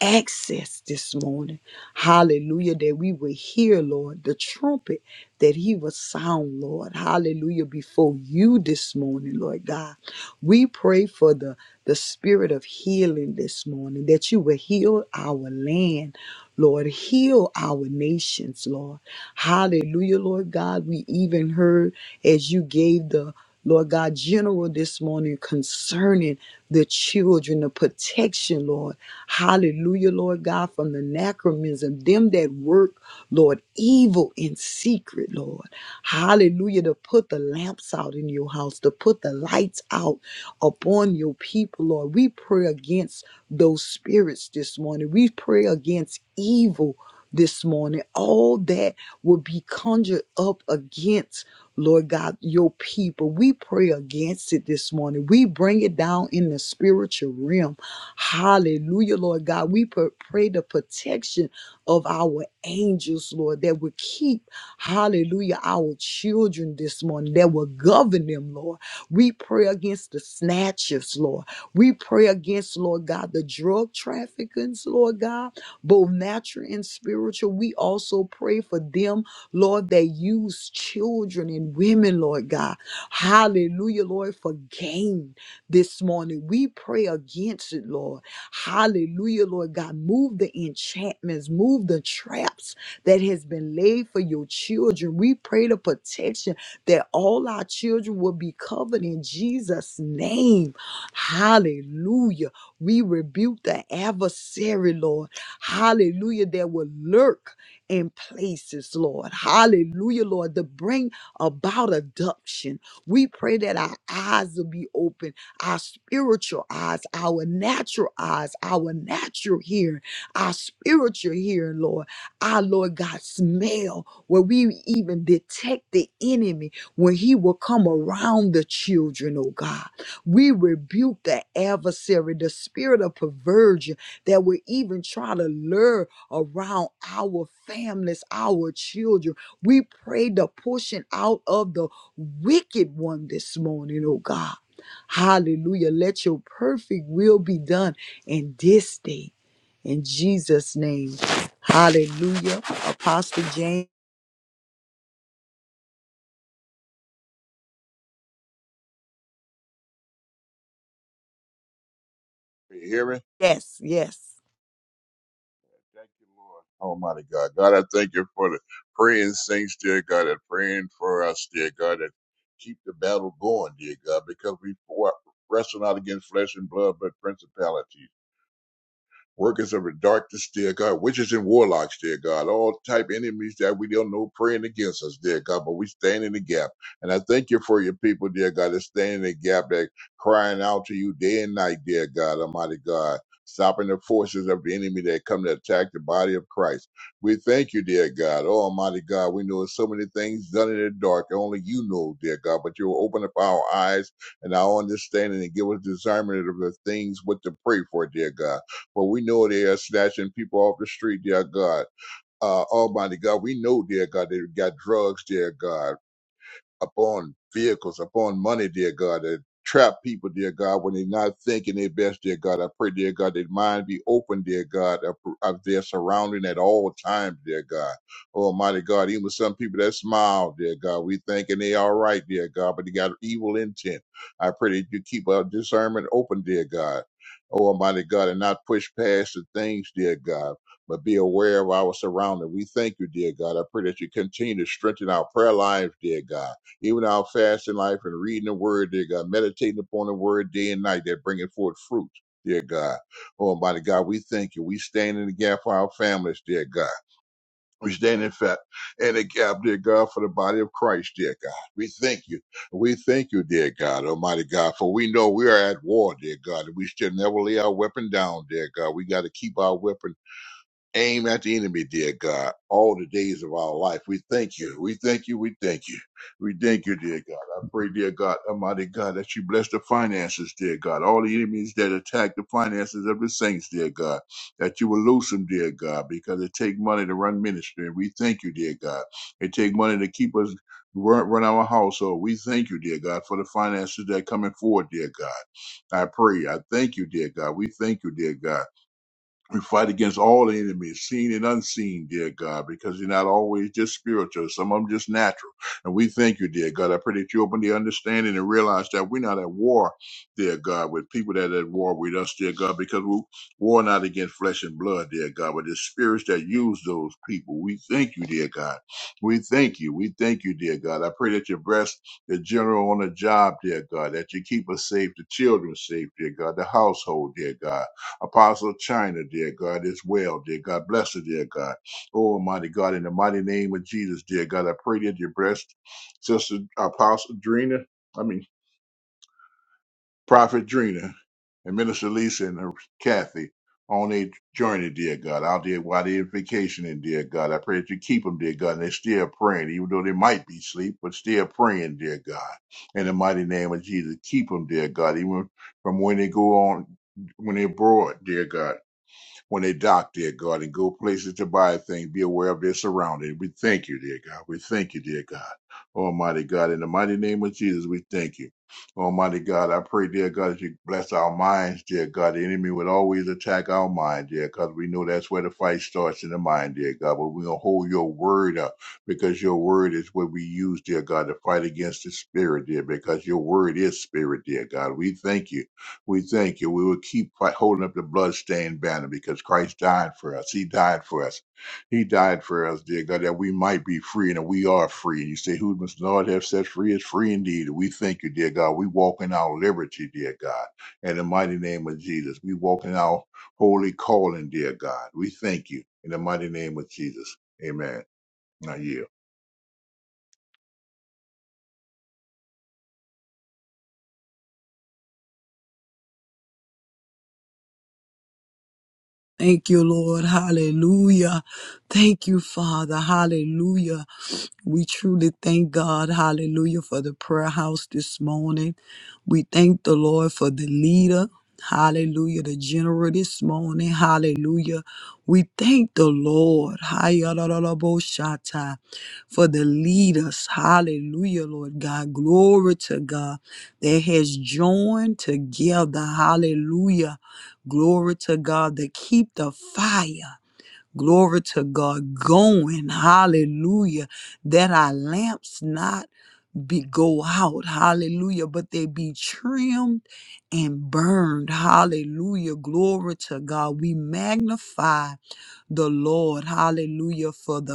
Speaker 2: access this morning. Hallelujah. That we will hear, Lord, the trumpet that he will sound, Lord. Hallelujah. Before you this morning, Lord God. We pray for the, the spirit of healing this morning, that you will heal our land. Lord, heal our nations, Lord. Hallelujah, Lord God. We even heard as you gave the Lord God, general this morning concerning the children, the protection, Lord. Hallelujah, Lord God, from the anachronism, them that work, Lord, evil in secret, Lord. Hallelujah, to put the lamps out in your house, to put the lights out upon your people, Lord. We pray against those spirits this morning. We pray against evil this morning. All that will be conjured up against. Lord God, your people. We pray against it this morning. We bring it down in the spiritual realm. Hallelujah, Lord God. We pr- pray the protection of our angels, Lord, that will keep, hallelujah, our children this morning, that will govern them, Lord. We pray against the snatchers, Lord. We pray against, Lord God, the drug traffickers, Lord God, both natural and spiritual. We also pray for them Lord, that use children and women, Lord God. Hallelujah, Lord, for gain this morning. We pray against it, Lord. Hallelujah, Lord God. Move the enchantments, move the traps that has been laid for your children. We pray the protection that all our children will be covered in Jesus' name. Hallelujah. We rebuke the adversary, Lord. Hallelujah, that will lurk and places, Lord. Hallelujah, Lord, to bring about adoption. We pray that our eyes will be open, our spiritual eyes, our natural eyes, our natural hearing, our spiritual hearing, Lord. Our Lord God, smell where we even detect the enemy when he will come around the children, oh God. We rebuke the adversary, the spirit of perversion that will even try to lure around our families, our children. We pray the pushing out of the wicked one this morning, oh God. Hallelujah. Let your perfect will be done in this day. In Jesus' name. Hallelujah. Apostle James.
Speaker 3: Can you hear me?
Speaker 2: Yes, yes.
Speaker 3: Thank you, Lord. Almighty God. God, I thank you for the praying saints, dear God, and praying for us, dear God, and keep the battle going, dear God, because we wrestle not against flesh and blood, but principalities. workers of the darkness, dear God, witches and warlocks, dear God, all type enemies that we don't know praying against us, dear God, but we stand in the gap. And I thank you for your people, dear God, that stand in the gap, that crying out to you day and night, dear God, Almighty God. Stopping the forces of the enemy that come to attack the body of Christ. We thank you, dear God. Oh, Almighty God, we know so many things done in the dark that only you know, dear God, but you will open up our eyes and our understanding and give us discernment of the things what to pray for, dear God. But we know they are snatching people off the street, dear God. Uh, Almighty God, we know, dear God, they got drugs, dear God upon vehicles, upon money, dear God, that trap people, dear God, when they're not thinking their best, dear God. I pray, dear God, their mind be open, dear God, of, of their surrounding at all times, dear God. Almighty God, even some people that smile, dear God, we thinking they all right, dear God, but they got evil intent. I pray that you keep our discernment open, dear God. Oh, Almighty God, and not push past the things, dear God, but be aware of our surrounding. We thank you, dear God. I pray that you continue to strengthen our prayer lives, dear God. Even our fasting life and reading the word, dear God, meditating upon the word day and night, that bringing forth fruit, dear God. Oh, Almighty God, we thank you. We stand in the gap for our families, dear God. We stand in fact in the gap, dear God, for the body of Christ, dear God. We thank you. We thank you, dear God, Almighty God, for we know we are at war, dear God, and we still never lay our weapon down, dear God. We got to keep our weapon aim at the enemy, dear God, all the days of our life. We thank you. We thank you. We thank you. We thank you, dear God. I pray, dear God, Almighty God, that you bless the finances, dear God. All the enemies that attack the finances of the saints, dear God, that you will lose them, dear God, because it take money to run ministry. And we thank you, dear God. It take money to keep us run, run our household. We thank you, dear God, for the finances that are coming forward, dear God. I pray. I thank you, dear God. We thank you, dear God. We fight against all enemies, seen and unseen, dear God, because you're not always just spiritual. Some of them just natural. And we thank you, dear God. I pray that you open the understanding and realize that we're not at war, dear God, with people that are at war with us, dear God, because we war not against flesh and blood, dear God, but the spirits that use those people. We thank you, dear God. We thank you. We thank you, dear God. I pray that you bless the general on the job, dear God, that you keep us safe, the children safe, dear God, the household, dear God. Apostle China, dear God, as well, dear God. Bless her, dear God. Oh, Almighty God, in the mighty name of Jesus, dear God, I pray that you bless Sister Apostle Drina, I mean, Prophet Drina, and Minister Lisa and her Kathy on their journey, dear God, out there while they're vacationing, dear God. I pray that you keep them, dear God, and they're still praying, even though they might be asleep, but still praying, dear God. In the mighty name of Jesus, keep them, dear God, even from when they go on, when they're abroad, dear God when they dock, dear God, and go places to buy things. Be aware of their surroundings. We thank you, dear God. We thank you, dear God. Almighty God, in the mighty name of Jesus, we thank you. Almighty God, I pray, dear God, that you bless our minds, dear God. The enemy would always attack our mind, dear, because we know that's where the fight starts in the mind, dear God. But we're going to hold your word up because your word is what we use, dear God, to fight against the spirit, dear, because your word is spirit, dear God. We thank you. We thank you. We will keep fight, holding up the bloodstained banner because Christ died for us. He died for us. He died for us, dear God, that we might be free and that we are free. And you say, Who must the Lord have set free is free indeed. And we thank you, dear God. We walk in our liberty, dear God. In the mighty name of Jesus, we walk in our holy calling, dear God. We thank you in the mighty name of Jesus. Amen. Now, you.
Speaker 2: Thank you, Lord. Hallelujah. Thank you, Father. Hallelujah. We truly thank God, hallelujah, for the prayer house this morning. We thank the Lord for the leader, hallelujah, the general this morning, hallelujah. We thank the Lord, hallelujah, for the leaders, hallelujah, Lord God. Glory to God that has joined together, hallelujah. Glory to God that keep the fire. Glory to God going. Hallelujah. That our lamps not be go out. Hallelujah. But they be trimmed and burned. Hallelujah. Glory to God. We magnify the Lord. Hallelujah. For the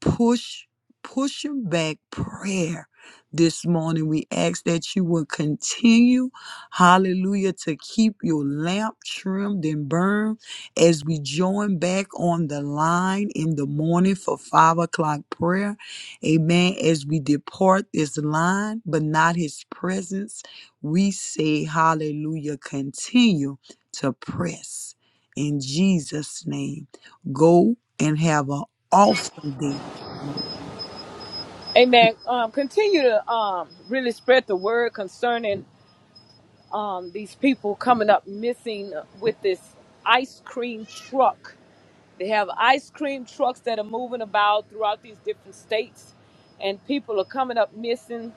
Speaker 2: push pushing back prayer this morning we ask that you will continue hallelujah to keep your lamp trimmed and burned as we join back on the line in the morning for five o'clock prayer amen as we depart this line but not his presence we say hallelujah continue to press in jesus name go and have an awesome day Lord.
Speaker 1: Amen. Um, continue to um, really spread the word concerning um, these people coming up missing with this ice cream truck. They have ice cream trucks that are moving about throughout these different states, and people are coming up missing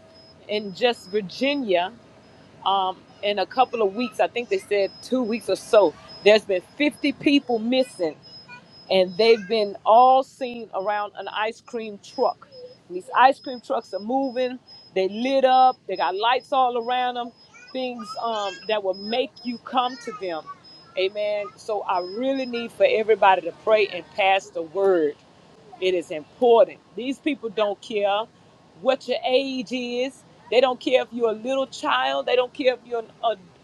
Speaker 1: in just Virginia. Um, in a couple of weeks, I think they said two weeks or so, there's been 50 people missing and they've been all seen around an ice cream truck. And these ice cream trucks are moving. They lit up. They got lights all around them. Things um, that will make you come to them. Amen. So I really need for everybody to pray and pass the word. It is important. These people don't care what your age is. They don't care if you're a little child. They don't care if you're an,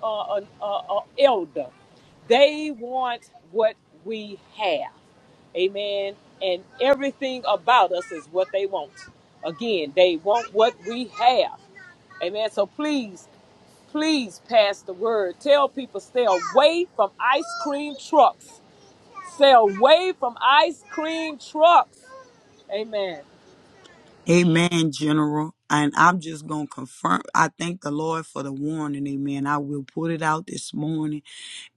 Speaker 1: a, a, a, a elder. They want what we have. Amen. And everything about us is what they want. Again, they want what we have. Amen. So please, please pass the word. Tell people stay away from ice cream trucks. Stay away from ice cream trucks. Amen.
Speaker 2: Amen, General. And I'm just going to confirm. I thank the Lord for the warning. Amen. I will put it out this morning.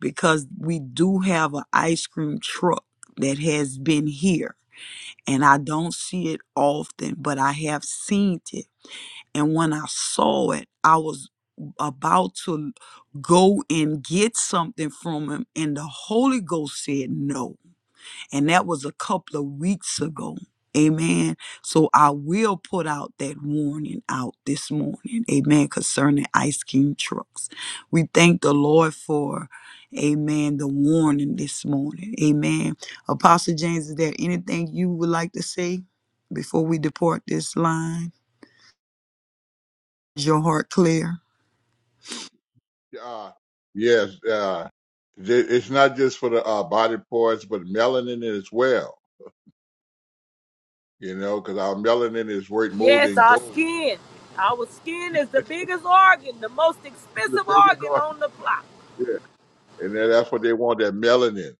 Speaker 2: because we do have an ice cream truck that has been here and I don't see it often, but I have seen it. And when I saw it, I was about to go and get something from him and the Holy Ghost said no and that was a couple of weeks ago. Amen. So I will put out that warning out this morning. Amen. Concerning Ice King trucks. We thank the Lord for, amen, the warning this morning. Amen. Apostle James, is there anything you would like to say before we depart this line? Is your heart clear?
Speaker 3: Uh, yes. Uh, th- it's not just for the uh, body parts, but melanin as well you know, because our melanin is worth more
Speaker 1: Yes,
Speaker 3: than
Speaker 1: our
Speaker 3: gold.
Speaker 1: skin. Our skin is the biggest organ, the most
Speaker 3: It's the
Speaker 1: expensive
Speaker 3: biggest
Speaker 1: organ
Speaker 3: organ,
Speaker 1: on the block.
Speaker 3: yeah. And then that's what they want that melanin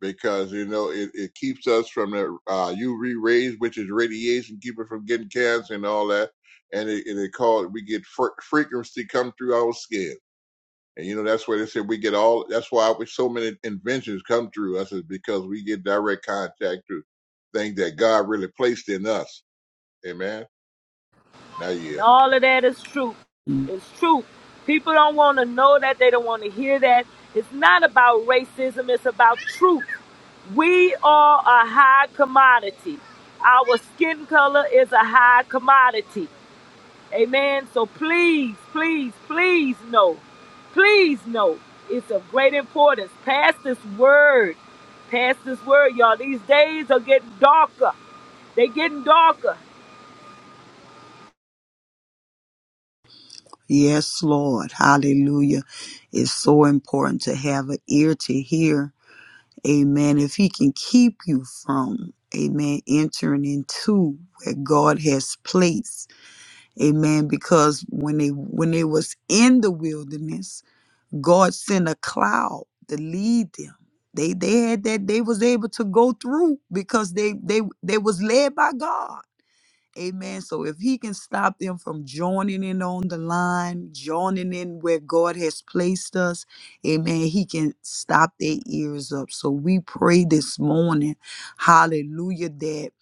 Speaker 3: because, you know, it, it keeps us from the uh, UV rays, which is radiation, keep us from getting cancer and all that. And it, and it called, we get fre- frequency come through our skin. And, you know, that's where they said we get all, that's why we, so many inventions come through us is because we get direct contact to things that God really placed in us. Amen. Now,
Speaker 1: And
Speaker 3: yeah.
Speaker 1: all of that is true. It's true. People don't want to know that. They don't want to hear that. It's not about racism. It's about truth. We are a high commodity. Our skin color is a high commodity. Amen. So please, please, please know. Please know. It's of great importance. Pass this word. Pass this word, y'all. These days are getting darker. They getting darker.
Speaker 2: Yes, Lord. Hallelujah. It's so important to have an ear to hear Amen. If he can keep you from, amen, entering into where God has placed. Amen. Because when they when they was in the wilderness, God sent a cloud to lead them. They they had that they was able to go through because they they they was led by God. Amen. So if he can stop them from joining in on the line, joining in where God has placed us, amen, he can stop their ears up. So we pray this morning, hallelujah, that.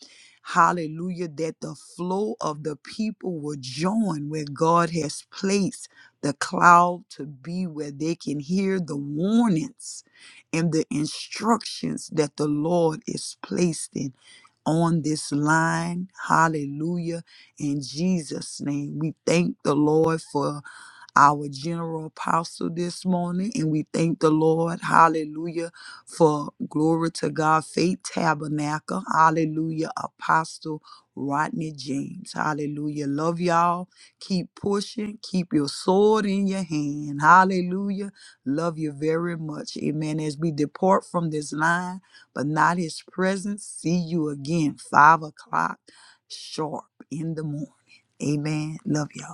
Speaker 2: Hallelujah, that the flow of the people will join where God has placed the cloud to be, where they can hear the warnings and the instructions that the Lord is placing on this line. Hallelujah. In Jesus' name, we thank the Lord for our general apostle this morning. And we thank the Lord, hallelujah, for glory to God, Faith Tabernacle, hallelujah, Apostle Rodney James, hallelujah. Love y'all. Keep pushing, keep your sword in your hand, hallelujah. Love you very much, amen. As we depart from this line, but not his presence, see you again, five o'clock sharp in the morning. Amen. Love y'all.